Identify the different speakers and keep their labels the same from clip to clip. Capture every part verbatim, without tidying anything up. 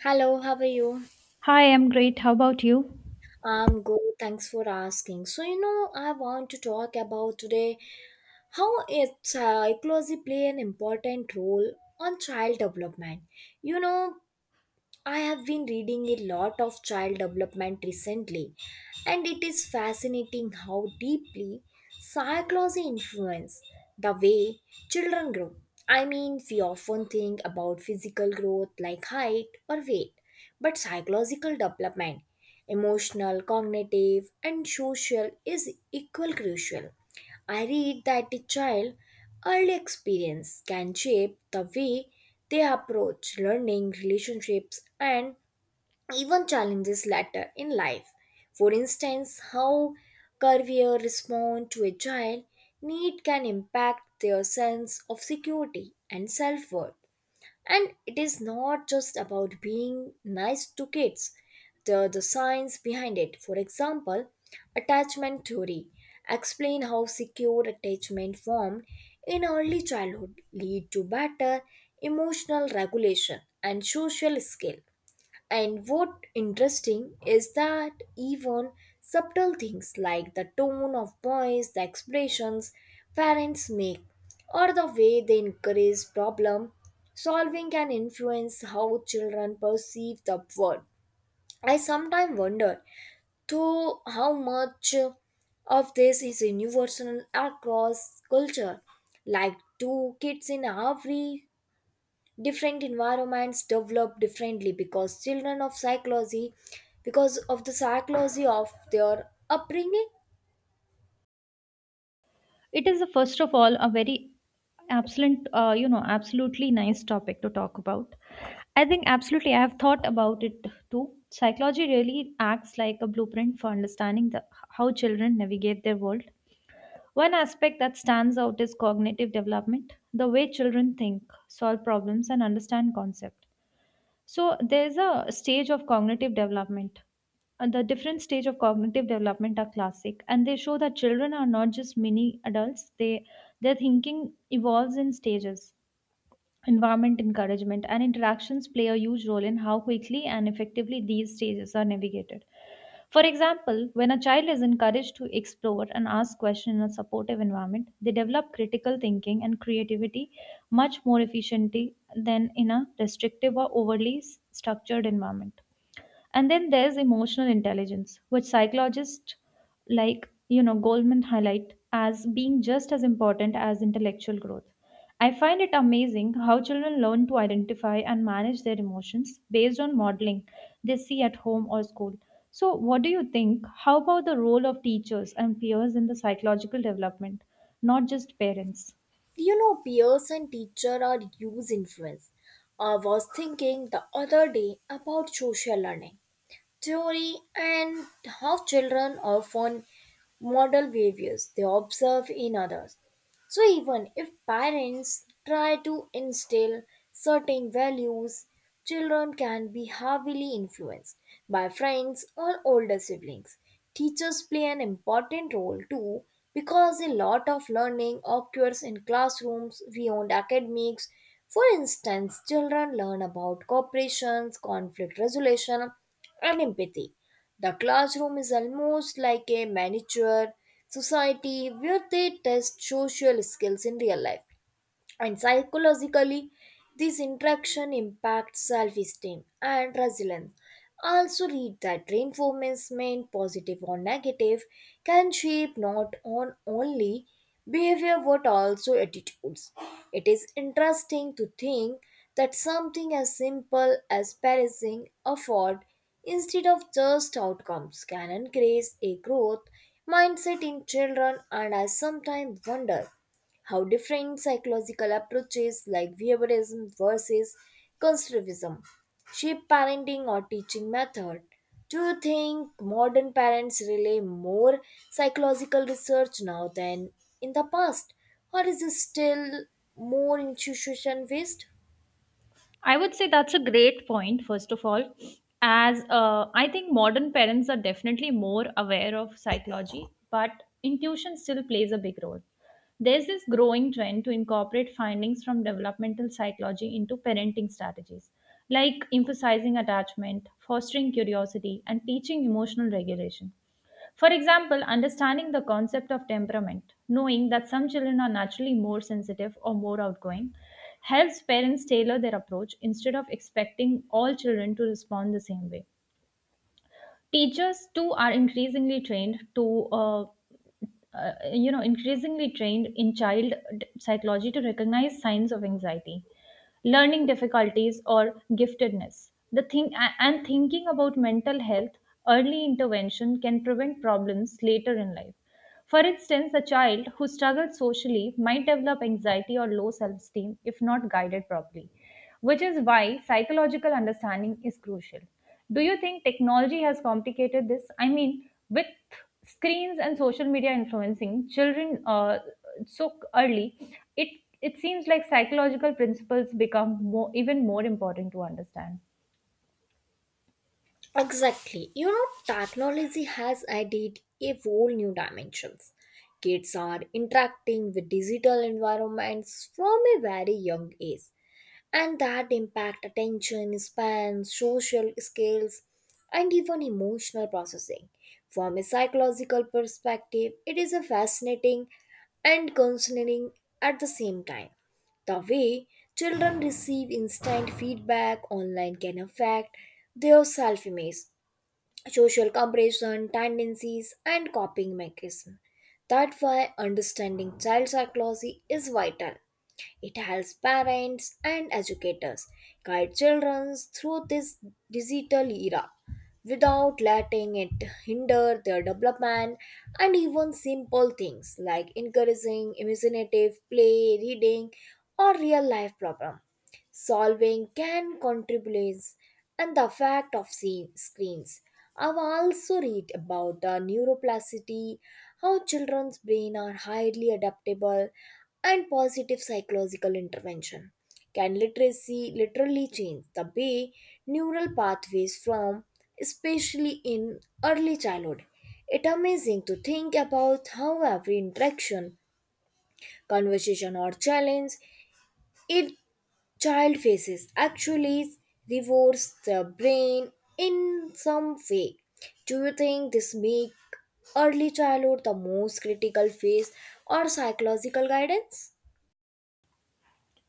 Speaker 1: Hello, how are you?
Speaker 2: Hi, I'm great. How about you?
Speaker 1: I'm good, thanks for asking. So, you know, I want to talk about today how it psychology play an important role on child development. You know, I have been reading a lot of child development recently, and it is fascinating how deeply psychology influences the way children grow. I mean, we often think about physical growth like height or weight, but psychological development, emotional, cognitive, and social, is equal crucial. I read that a child early experience can shape the way they approach learning, relationships, and even challenges later in life. For instance, how career respond to a child need can impact their sense of security and self-worth. And it is not just about being nice to kids. The, the science behind it, for example, attachment theory, explain how secure attachment formed in early childhood lead to better emotional regulation and social skill. And what interesting is that even subtle things like the tone of voice, the expressions parents make, or the way they encourage problem solving can influence how children perceive the world. I sometimes wonder, though, how much of this is universal across culture. Like two kids in every different environments develop differently because children of psychology because of the psychology of their upbringing.
Speaker 2: It is, uh, first of all, a very absolute, uh, you know, absolutely nice topic to talk about. I think absolutely, I have thought about it too. Psychology really acts like a blueprint for understanding the, how children navigate their world. One aspect that stands out is cognitive development, the way children think, solve problems, and understand concepts. So there's a stage of cognitive development. And the different stage of cognitive development are classic, and they show that children are not just mini adults. They Their thinking evolves in stages. Environment, encouragement, and interactions play a huge role in how quickly and effectively these stages are navigated. For example, when a child is encouraged to explore and ask questions in a supportive environment, they develop critical thinking and creativity much more efficiently than in a restrictive or overly s- structured environment. And then there's emotional intelligence, which psychologists like, you know, Goldman highlight as being just as important as intellectual growth. I find it amazing how children learn to identify and manage their emotions based on modeling they see at home or school. So, what do you think? How about the role of teachers and peers in the psychological development, not just parents?
Speaker 1: You know peers and teacher are huge influence. I was thinking the other day about social learning theory and how children often model behaviors they observe in others. So, even if parents try to instill certain values, children can be heavily influenced by friends or older siblings. Teachers play an important role too because a lot of learning occurs in classrooms beyond academics. For instance, children learn about cooperation, conflict resolution, and empathy. The classroom is almost like a miniature society where they test social skills in real life. And psychologically, this interaction impacts self esteem and resilience. Also, read that reinforcement, positive or negative, can shape not on only behavior but also attitudes. It is interesting to think that something as simple as praising effort instead of just outcomes can encourage a growth mindset in children, and I sometimes wonder how different psychological approaches like behaviorism versus conservatism shape parenting or teaching method. Do you think modern parents rely more psychological research now than in the past, or is it still more institution based?
Speaker 2: I would say that's a great point, first of all, as uh, I think modern parents are definitely more aware of psychology, but intuition still plays a big role. There's this growing trend to incorporate findings from developmental psychology into parenting strategies, like emphasizing attachment, fostering curiosity, and teaching emotional regulation. For example, understanding the concept of temperament, knowing that some children are naturally more sensitive or more outgoing, helps parents tailor their approach instead of expecting all children to respond the same way. Teachers too are increasingly trained to, uh, uh, you know, increasingly trained in child d- psychology to recognize signs of anxiety, learning difficulties, or giftedness. The thing a- and thinking about mental health, early intervention can prevent problems later in life. For instance, a child who struggles socially might develop anxiety or low self esteem if not guided properly, which is why psychological understanding is crucial. Do you think technology has complicated this? I mean, with screens and social media influencing children uh, so early, it it seems like psychological principles become more, even more important to understand.
Speaker 1: Exactly. You know, technology has added a whole new dimensions. Kids are interacting with digital environments from a very young age, and that impact attention spans, social skills, and even emotional processing. From a psychological perspective, it is a fascinating and concerning at the same time. The way children receive instant feedback online can affect their self image, social comparison tendencies, and coping mechanisms. That's why understanding child psychology is vital. It helps parents and educators guide children through this digital era without letting it hinder their development. And even simple things like encouraging imaginative play, reading, or real life problem solving can contribute. And the effect of se- screens. I've also read about the neuroplasticity, how children's brain are highly adaptable, and positive psychological intervention can literacy literally change the way neural pathways from, especially in early childhood. It's amazing to think about how every interaction, conversation, or challenge it child faces actually divorce the brain in some way. Do you think this make early childhood the most critical phase or psychological guidance?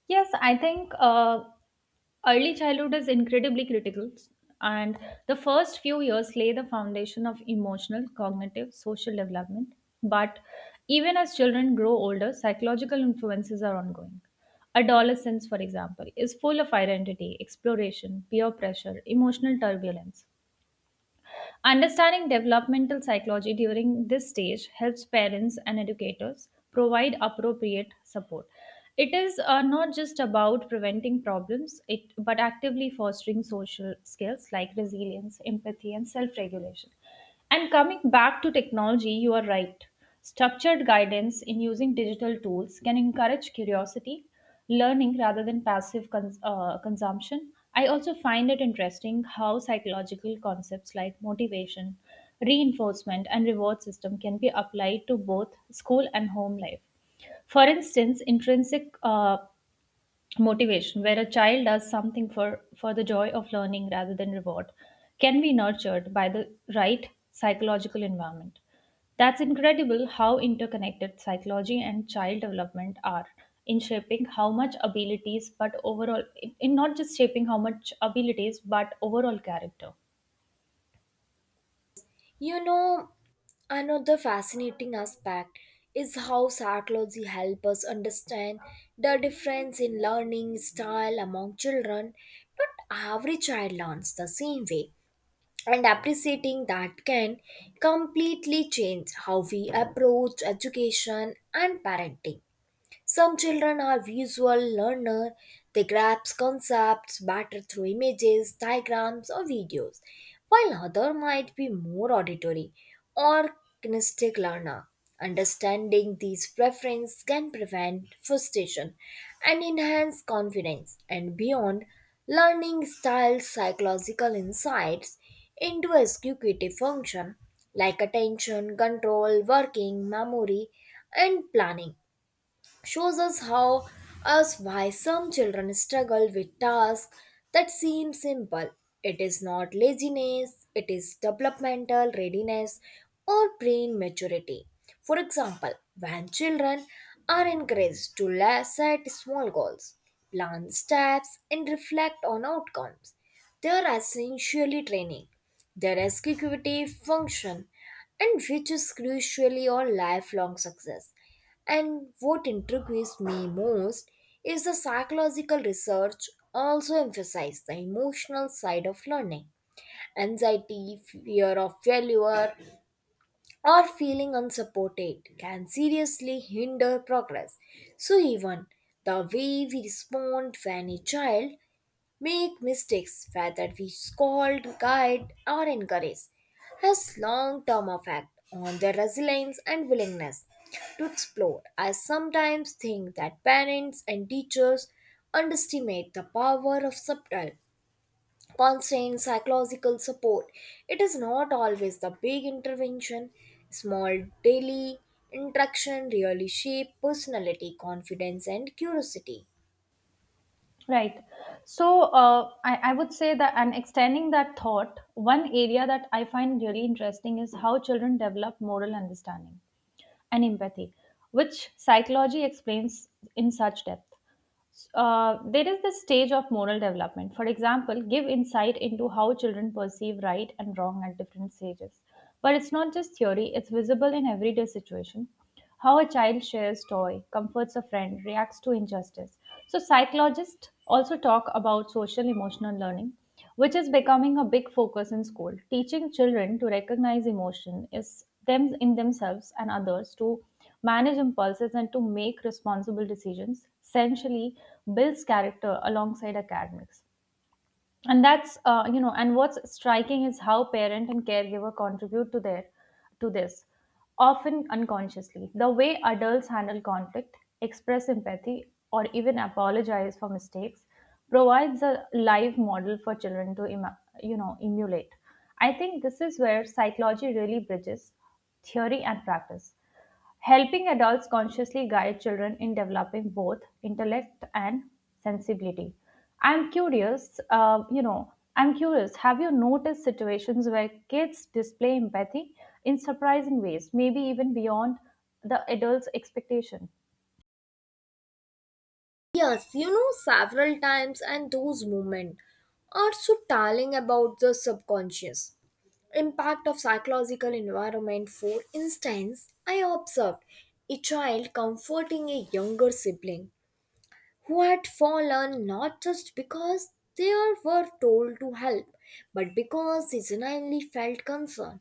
Speaker 2: Yes, I think. Uh, Early childhood is incredibly critical, and the first few years lay the foundation of emotional, cognitive, social development. But even as children grow older, psychological influences are ongoing. Adolescence, for example, is full of identity, exploration, peer pressure, emotional turbulence. Understanding developmental psychology during this stage helps parents and educators provide appropriate support. It is uh, not just about preventing problems, it, but actively fostering social skills like resilience, empathy, and self regulation. And coming back to technology, you are right. Structured guidance in using digital tools can encourage curiosity, learning rather than passive cons- uh, consumption. I also find it interesting how psychological concepts like motivation, reinforcement, and reward system can be applied to both school and home life. For instance, intrinsic uh, motivation, where a child does something for, for the joy of learning rather than reward, can be nurtured by the right psychological environment. That's incredible how interconnected psychology and child development are in shaping how much abilities, but overall, in in not just shaping how much abilities, but overall character.
Speaker 1: You know, another fascinating aspect is how psychology helps us understand the difference in learning style among children. Not every child learns the same way and appreciating that can completely change how we approach education and parenting. Some children are visual learner. They grasp concepts better through images, diagrams, or videos, while other might be more auditory or kinesthetic learner. Understanding these preferences can prevent frustration and enhance confidence. And beyond, learning style psychological insights into executive function like attention, control, working, memory, and planning shows us how us why some children struggle with tasks that seem simple. It is not laziness, it is developmental readiness or brain maturity. For example, when children are encouraged to la- set small goals, plan steps, and reflect on outcomes, they are essentially training their executive function and which is crucially your lifelong success. And what intrigues me most is the psychological research also emphasizes the emotional side of learning. Anxiety, fear of failure, or feeling unsupported can seriously hinder progress. So, even the way we respond when a child make mistakes, whether we scold, guide, or encourage, has long term effect on their resilience and willingness to explore. I sometimes think that parents and teachers underestimate the power of subtle, constant psychological support. It is not always the big intervention, small daily interaction really shape personality, confidence, and curiosity.
Speaker 2: Right. So uh, I, I would say that, and extending that thought, one area that I find really interesting is how children develop moral understanding and empathy, which psychology explains in such depth. Uh, there is this stage of moral development. For example, give insight into how children perceive right and wrong at different stages. But it's not just theory, it's visible in everyday situation. How a child shares toy, comforts a friend, reacts to injustice. So psychologists also talk about social emotional learning, which is becoming a big focus in school. Teaching children to recognize emotion is them in themselves and others, to manage impulses and to make responsible decisions, essentially builds character alongside academics. And that's uh, you know and what's striking is how parent and caregiver contribute to their to this, often unconsciously. The way adults handle conflict, express empathy, or even apologize for mistakes provides a live model for children to ima- you know emulate. I think this is where psychology really bridges theory and practice, helping adults consciously guide children in developing both intellect and sensibility. I'm curious, uh, you know, I'm curious, have you noticed situations where kids display empathy in surprising ways, maybe even beyond the adult's expectation?
Speaker 1: Yes, you know, several times, and those moments are so telling about the subconscious impact of psychological environment. For instance, I observed a child comforting a younger sibling who had fallen not just because they were told to help, but because they genuinely felt concern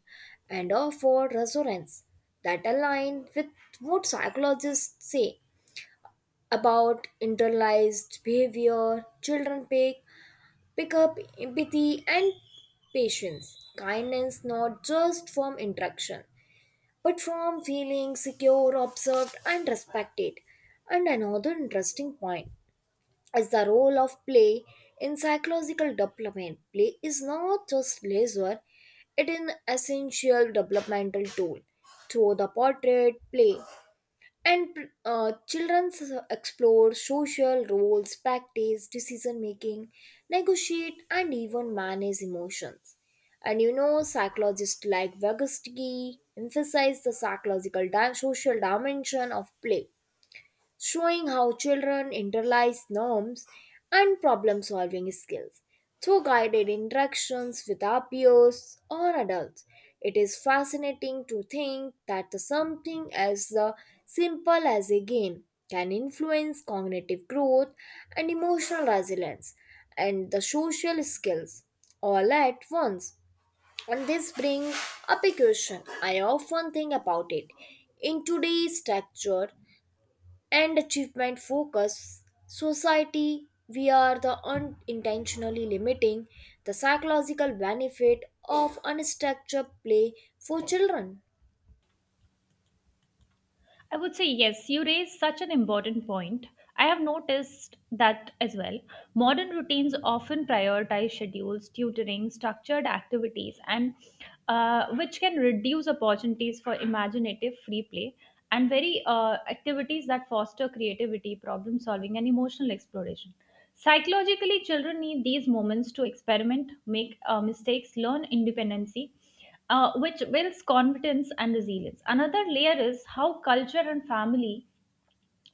Speaker 1: and offered reassurance that aligned with what psychologists say about internalized behavior. Children pick, pick up empathy and patience, kindness not just from interaction, but from feeling secure, observed, and respected. And another interesting point is the role of play in psychological development. Play is not just leisure, it is an essential developmental tool. Through the portrait play, and uh, children explore social roles, practice decision making, negotiate, and even manage emotions. And you know psychologists like Vygotsky emphasize the psychological di- social dimension of play, showing how children internalize norms and problem solving skills through guided interactions with our peers or adults. It is fascinating to think that the something as uh, simple as a game can influence cognitive growth and emotional resilience and the social skills all at once. And this brings up a question I often think about it. In today's structure and achievement focus society, we are the unintentionally limiting the psychological benefit of unstructured play for children.
Speaker 2: I would say yes, you raise such an important point. I have noticed that as well. Modern routines often prioritize schedules, tutoring, structured activities, and uh, which can reduce opportunities for imaginative free play and very uh, activities that foster creativity, problem solving, and emotional exploration. Psychologically, children need these moments to experiment, make uh, mistakes, learn independency, uh, which builds confidence and resilience. Another layer is how culture and family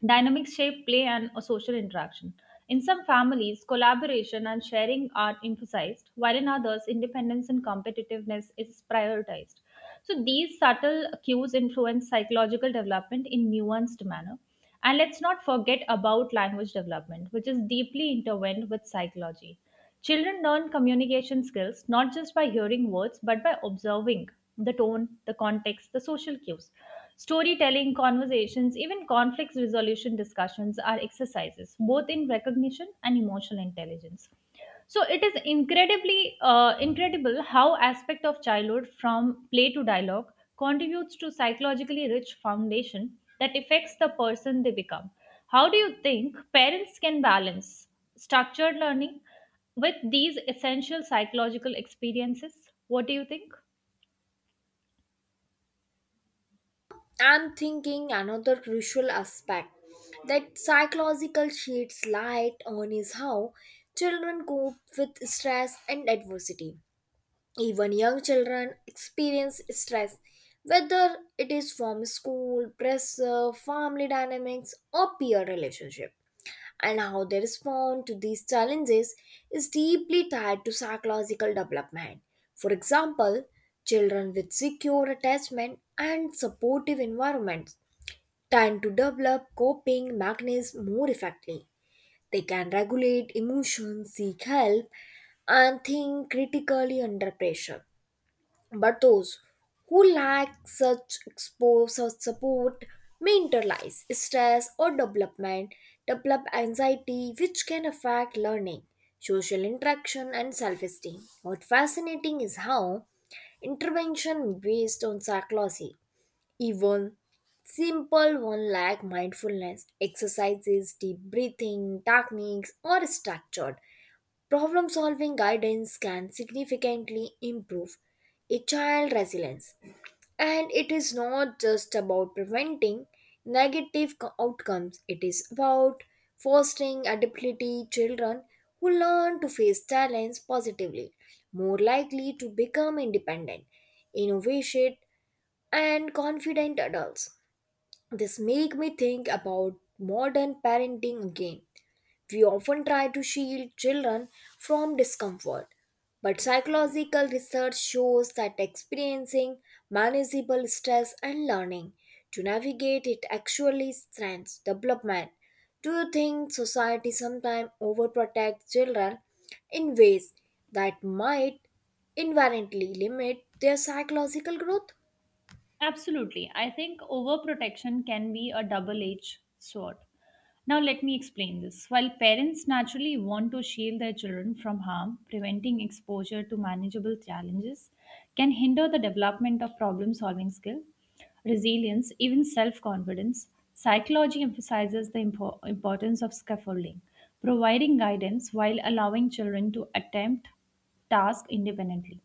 Speaker 2: dynamics shape play and a social interaction. In some families, collaboration and sharing are emphasized, while in others, independence and competitiveness is prioritized. So these subtle cues influence psychological development in nuanced manner. And let's not forget about language development, which is deeply intertwined with psychology. Children learn communication skills not just by hearing words, but by observing the tone, the context, the social cues. Storytelling, conversations, even conflict resolution discussions are exercises, both in recognition and emotional intelligence. So it is incredibly uh, incredible how aspect of childhood from play to dialogue contributes to psychologically rich foundation that affects the person they become. How do you think parents can balance structured learning with these essential psychological experiences? What do you think?
Speaker 1: I'm thinking another crucial aspect that psychological sheds light on is how children cope with stress and adversity. Even young children experience stress, whether it is from school, pressure, family dynamics, or peer relationship. And how they respond to these challenges is deeply tied to psychological development. For example, children with secure attachment and supportive environments tend to develop coping mechanisms more effectively. They can regulate emotions, seek help, and think critically under pressure. But those who lack such expose or support may internalize stress or development develop anxiety, which can affect learning, social interaction, and self-esteem. What fascinating is how intervention based on psychology, even simple one like mindfulness exercises, deep breathing techniques, or structured problem solving guidance can significantly improve a child's resilience. And it is not just about preventing negative co- outcomes, it is about fostering adaptability. Children who learn to face challenges positively, more likely to become independent, innovative, and confident adults. This make me think about modern parenting again. We often try to shield children from discomfort, but psychological research shows that experiencing manageable stress and learning to navigate it actually strengthens development. Do you think society sometimes overprotects children in ways that might inherently limit their psychological growth?
Speaker 2: Absolutely. I think overprotection can be a double edged sword. Now, let me explain this. While parents naturally want to shield their children from harm, preventing exposure to manageable challenges can hinder the development of problem solving skill, resilience, even self confidence. Psychology emphasizes the impo- importance of scaffolding, providing guidance while allowing children to attempt tasks independently.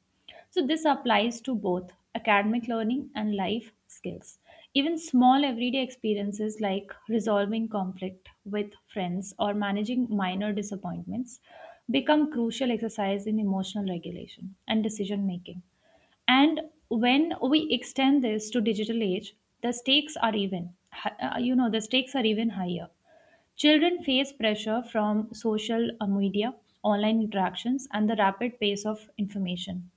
Speaker 2: So, this applies to both academic learning and life skills. Even small everyday experiences like resolving conflict with friends or managing minor disappointments become crucial exercise in emotional regulation and decision making. And when we extend this to digital age, the stakes are even hi- uh, you know the stakes are even higher. Children face pressure from social uh, media, online interactions and the rapid pace of information,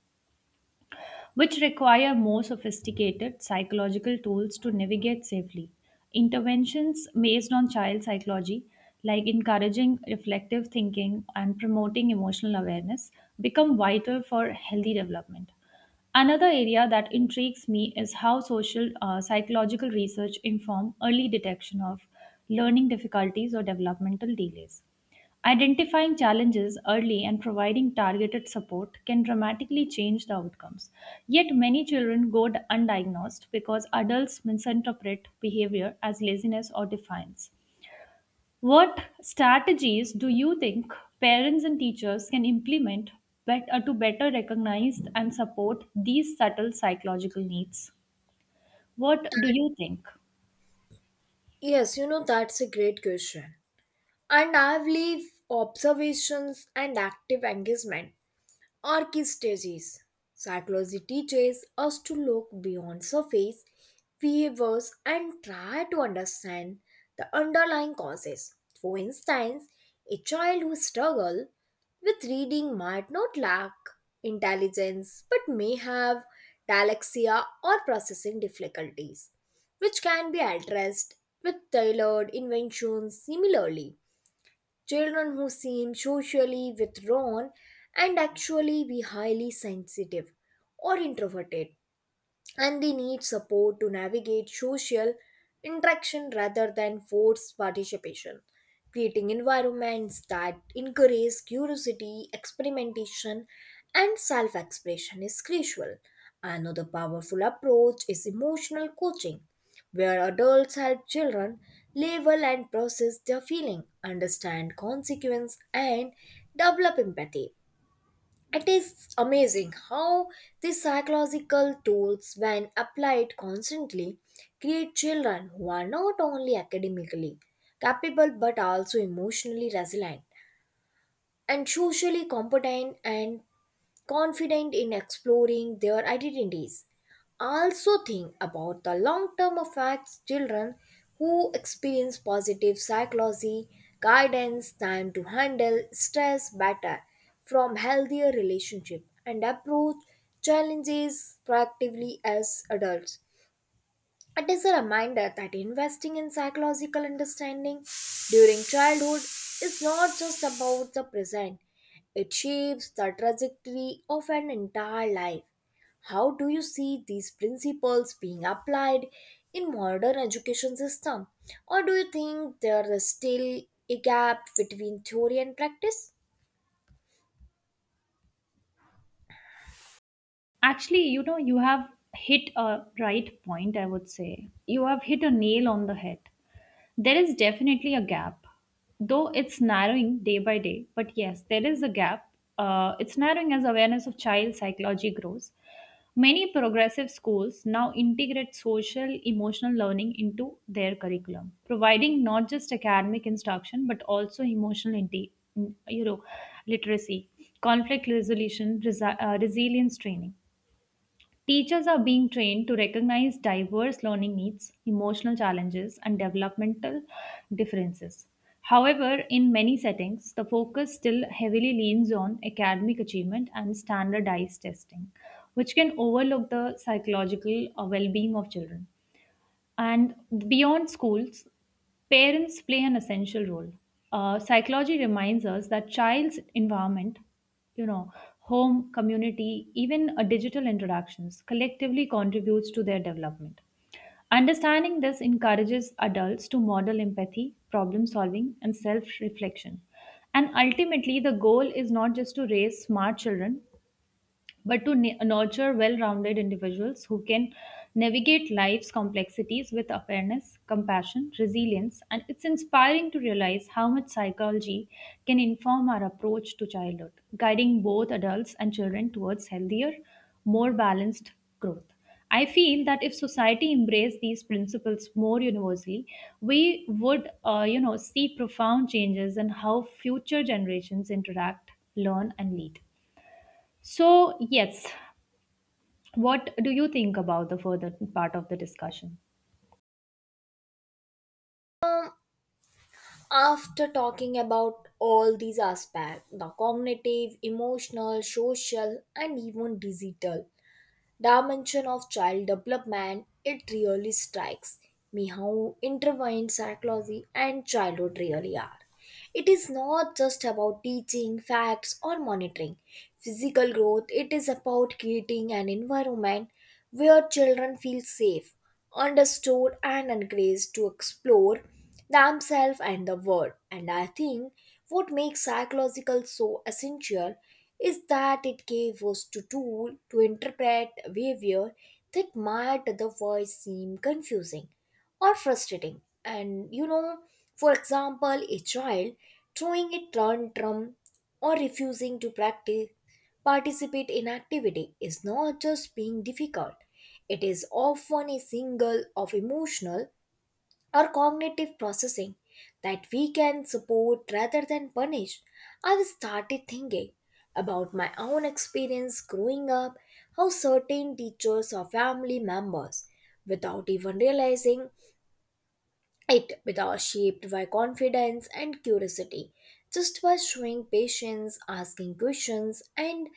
Speaker 2: which require more sophisticated psychological tools to navigate safely. Interventions based on child psychology, like encouraging reflective thinking and promoting emotional awareness, become vital for healthy development. Another area that intrigues me is how social uh, psychological research inform early detection of learning difficulties or developmental delays. Identifying challenges early and providing targeted support can dramatically change the outcomes. Yet, many children go d- undiagnosed because adults misinterpret behavior as laziness or defiance. What strategies do you think parents and teachers can implement bet- uh, to better recognize and support these subtle psychological needs? What do you think?
Speaker 1: Yes, you know, that's a great question. And I believe observations and active engagement Orchistasis. Psychology teaches us to look beyond surface behaviors and try to understand the underlying causes. For instance, a child who struggles with reading might not lack intelligence but may have dyslexia or processing difficulties, which can be addressed with tailored inventions. Similarly, children who seem socially withdrawn and actually be highly sensitive or introverted and they need support to navigate social interaction rather than forced participation. Creating environments that encourage curiosity, experimentation, and self-expression is crucial. Another powerful approach is emotional coaching, where adults help children label and process their feeling, understand consequence, and develop empathy. It is amazing how these psychological tools, when applied constantly, create children who are not only academically capable but also emotionally resilient and socially competent and confident in exploring their identities. Also, think about the long term effects children who experience positive psychology guidance, time to handle stress better, from healthier relationship and approach challenges proactively as adults. It is a reminder that investing in psychological understanding during childhood is not just about the present, it shapes the trajectory of an entire life. How do you see these principles being applied in modern education system, or do you think there is still a gap between theory and practice?
Speaker 2: Actually, you know, you have hit a right point, I would say. You have hit a nail on the head. There is definitely a gap, though it's narrowing day by day. But yes, there is a gap. Uh, it's narrowing as awareness of child psychology grows. Many progressive schools now integrate social emotional learning into their curriculum, providing not just academic instruction but also emotional inte- you know, literacy, conflict resolution, resi- uh, resilience training. Teachers are being trained to recognize diverse learning needs, emotional challenges, and developmental differences. However, in many settings, the focus still heavily leans on academic achievement and standardized testing, which can overlook the psychological well being of children. And beyond schools, parents play an essential role. Uh, psychology reminds us that child's environment, you know, home, community, even uh, digital interactions collectively contributes to their development. Understanding this encourages adults to model empathy, problem solving, and self reflection. And ultimately, the goal is not just to raise smart children, but to n- nurture well rounded individuals who can navigate life's complexities with awareness, compassion, resilience. And it's inspiring to realize how much psychology can inform our approach to childhood, guiding both adults and children towards healthier, more balanced growth. I feel that if society embraced these principles more universally, we would, uh, you know, see profound changes in how future generations interact, learn, and lead. So, yes, what do you think about the further part of the discussion?
Speaker 1: After talking about all these aspects, the cognitive, emotional, social, and even digital, dimension of child development, it really strikes me how intertwined psychology and childhood really are. It is not just about teaching facts or monitoring physical growth, it is about creating an environment where children feel safe, understood, and encouraged to explore themselves and the world. And I think what makes psychological so essential is that it gave us the tool to interpret behavior that might otherwise seem confusing or frustrating. And you know, for example, a child throwing a tantrum or refusing to practice Participate in activity is not just being difficult, it is often a signal of emotional or cognitive processing that we can support rather than punish. I started thinking about my own experience growing up, how certain teachers or family members, without even realizing, it without shaped by confidence and curiosity just by showing patience, asking questions, and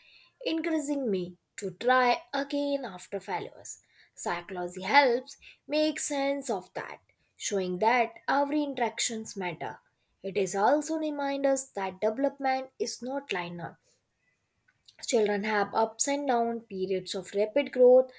Speaker 1: encouraging me to try again after failures. Psychology helps make sense of that, showing that every interactions matter. It is also remind us that development is not linear. Children have ups and downs, periods of rapid growth,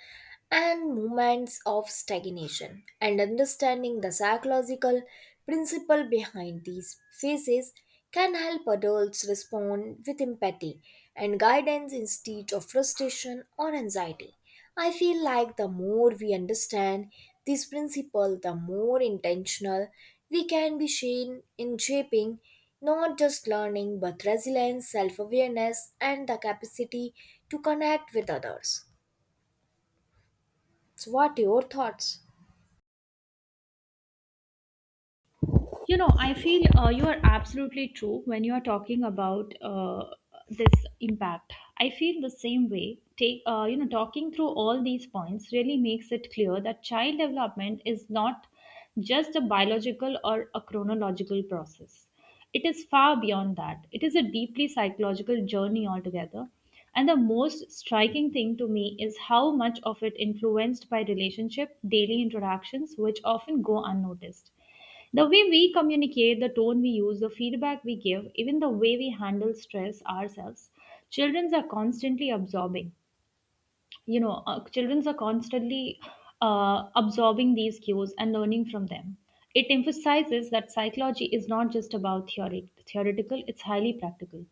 Speaker 1: and moments of stagnation. And understanding the psychological principle behind these phases can help adults respond with empathy and guidance instead of frustration or anxiety. I feel like the more we understand this principle, the more intentional we can be seen in shaping not just learning but resilience, self awareness, and the capacity to connect with others. So, what are your thoughts?
Speaker 2: You know, I feel uh, you are absolutely true when you are talking about uh, this impact. I feel the same way. Take uh, you know, talking through all these points really makes it clear that child development is not just a biological or a chronological process. It is far beyond that. It is a deeply psychological journey altogether. And the most striking thing to me is how much of it influenced by relationship, daily interactions, which often go unnoticed. The way we communicate, the tone we use, the feedback we give, even the way we handle stress ourselves, children are constantly absorbing you know uh, children are constantly uh, absorbing these cues and learning from them. It emphasizes that psychology is not just about theory, theoretical, it's highly practical.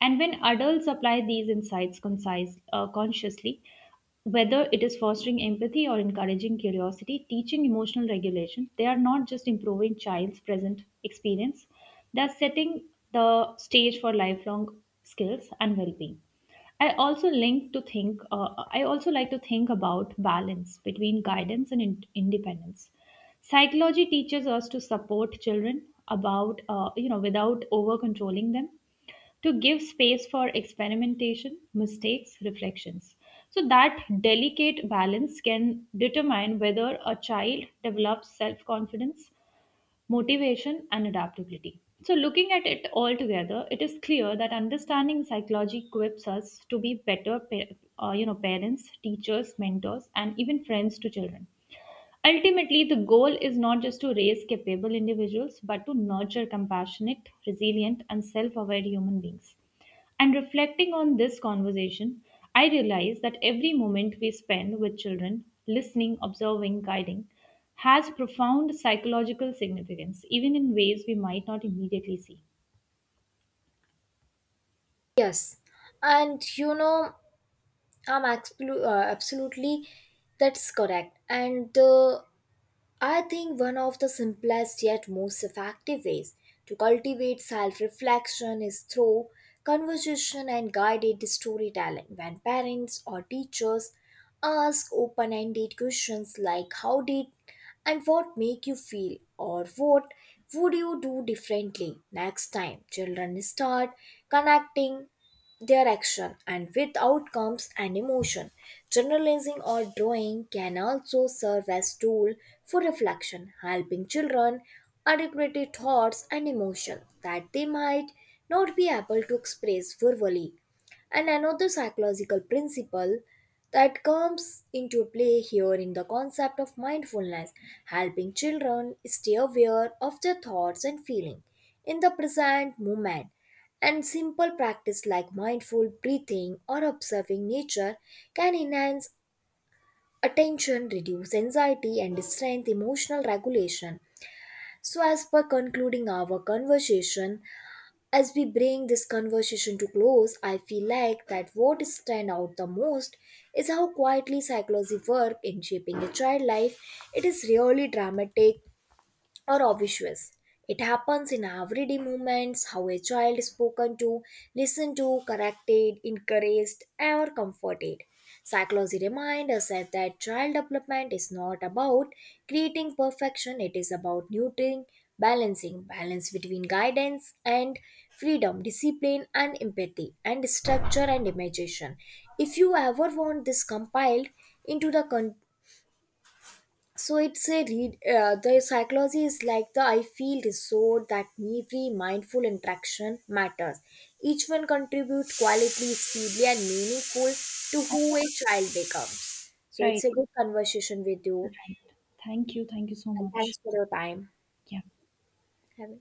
Speaker 2: And when adults apply these insights concise, uh, consciously, whether it is fostering empathy or encouraging curiosity, teaching emotional regulation, they are not just improving child's present experience, they're setting the stage for lifelong skills and well-being. I also link to think. Uh, I also like to think about balance between guidance and in- independence. Psychology teaches us to support children about uh, you know without over controlling them, to give space for experimentation, mistakes, reflections. So that delicate balance can determine whether a child develops self confidence, motivation, and adaptability. So, looking at it all together, it is clear that understanding psychology equips us to be better pa- uh, you know, parents, teachers, mentors, and even friends to children. Ultimately, the goal is not just to raise capable individuals, but to nurture compassionate, resilient, and self aware human beings. And reflecting on this conversation, I realize that every moment we spend with children, listening, observing, guiding, has profound psychological significance, even in ways we might not immediately see.
Speaker 1: Yes, and you know, I'm absolu- uh, absolutely that's correct. And uh, I think one of the simplest yet most effective ways to cultivate self reflection is through conversation and guided storytelling. When parents or teachers ask open ended questions like how did and what make you feel, or what would you do differently next time, children start connecting their action and with outcomes and emotion. Journalizing or drawing can also serve as tool for reflection, helping children articulate thoughts and emotion that they might not be able to express verbally. And another psychological principle that comes into play here in the concept of mindfulness, helping children stay aware of their thoughts and feeling in the present moment. And simple practice like mindful breathing or observing nature can enhance attention, reduce anxiety, and strengthen emotional regulation. So, as per concluding our conversation, as we bring this conversation to close, I feel like that what stand out the most is how quietly psychology work in shaping a child life. It is really dramatic, or obvious. It happens in everyday moments, how a child is spoken to, listened to, corrected, encouraged, or comforted. Psychology reminds us that that child development is not about creating perfection, it is about nurturing, balancing, balance between guidance and freedom, discipline and empathy, and structure and imagination. If you ever want this compiled into the con- so it's a read uh, the psychology is like the I feel resort that every mindful interaction matters. Each one contributes quality, steadily and meaningful, to who a child becomes. So it's
Speaker 2: Right.
Speaker 1: a good conversation with you.
Speaker 2: Thank you. Thank you so
Speaker 1: And thanks
Speaker 2: much.
Speaker 1: for your time.
Speaker 2: Yeah.
Speaker 1: Have a-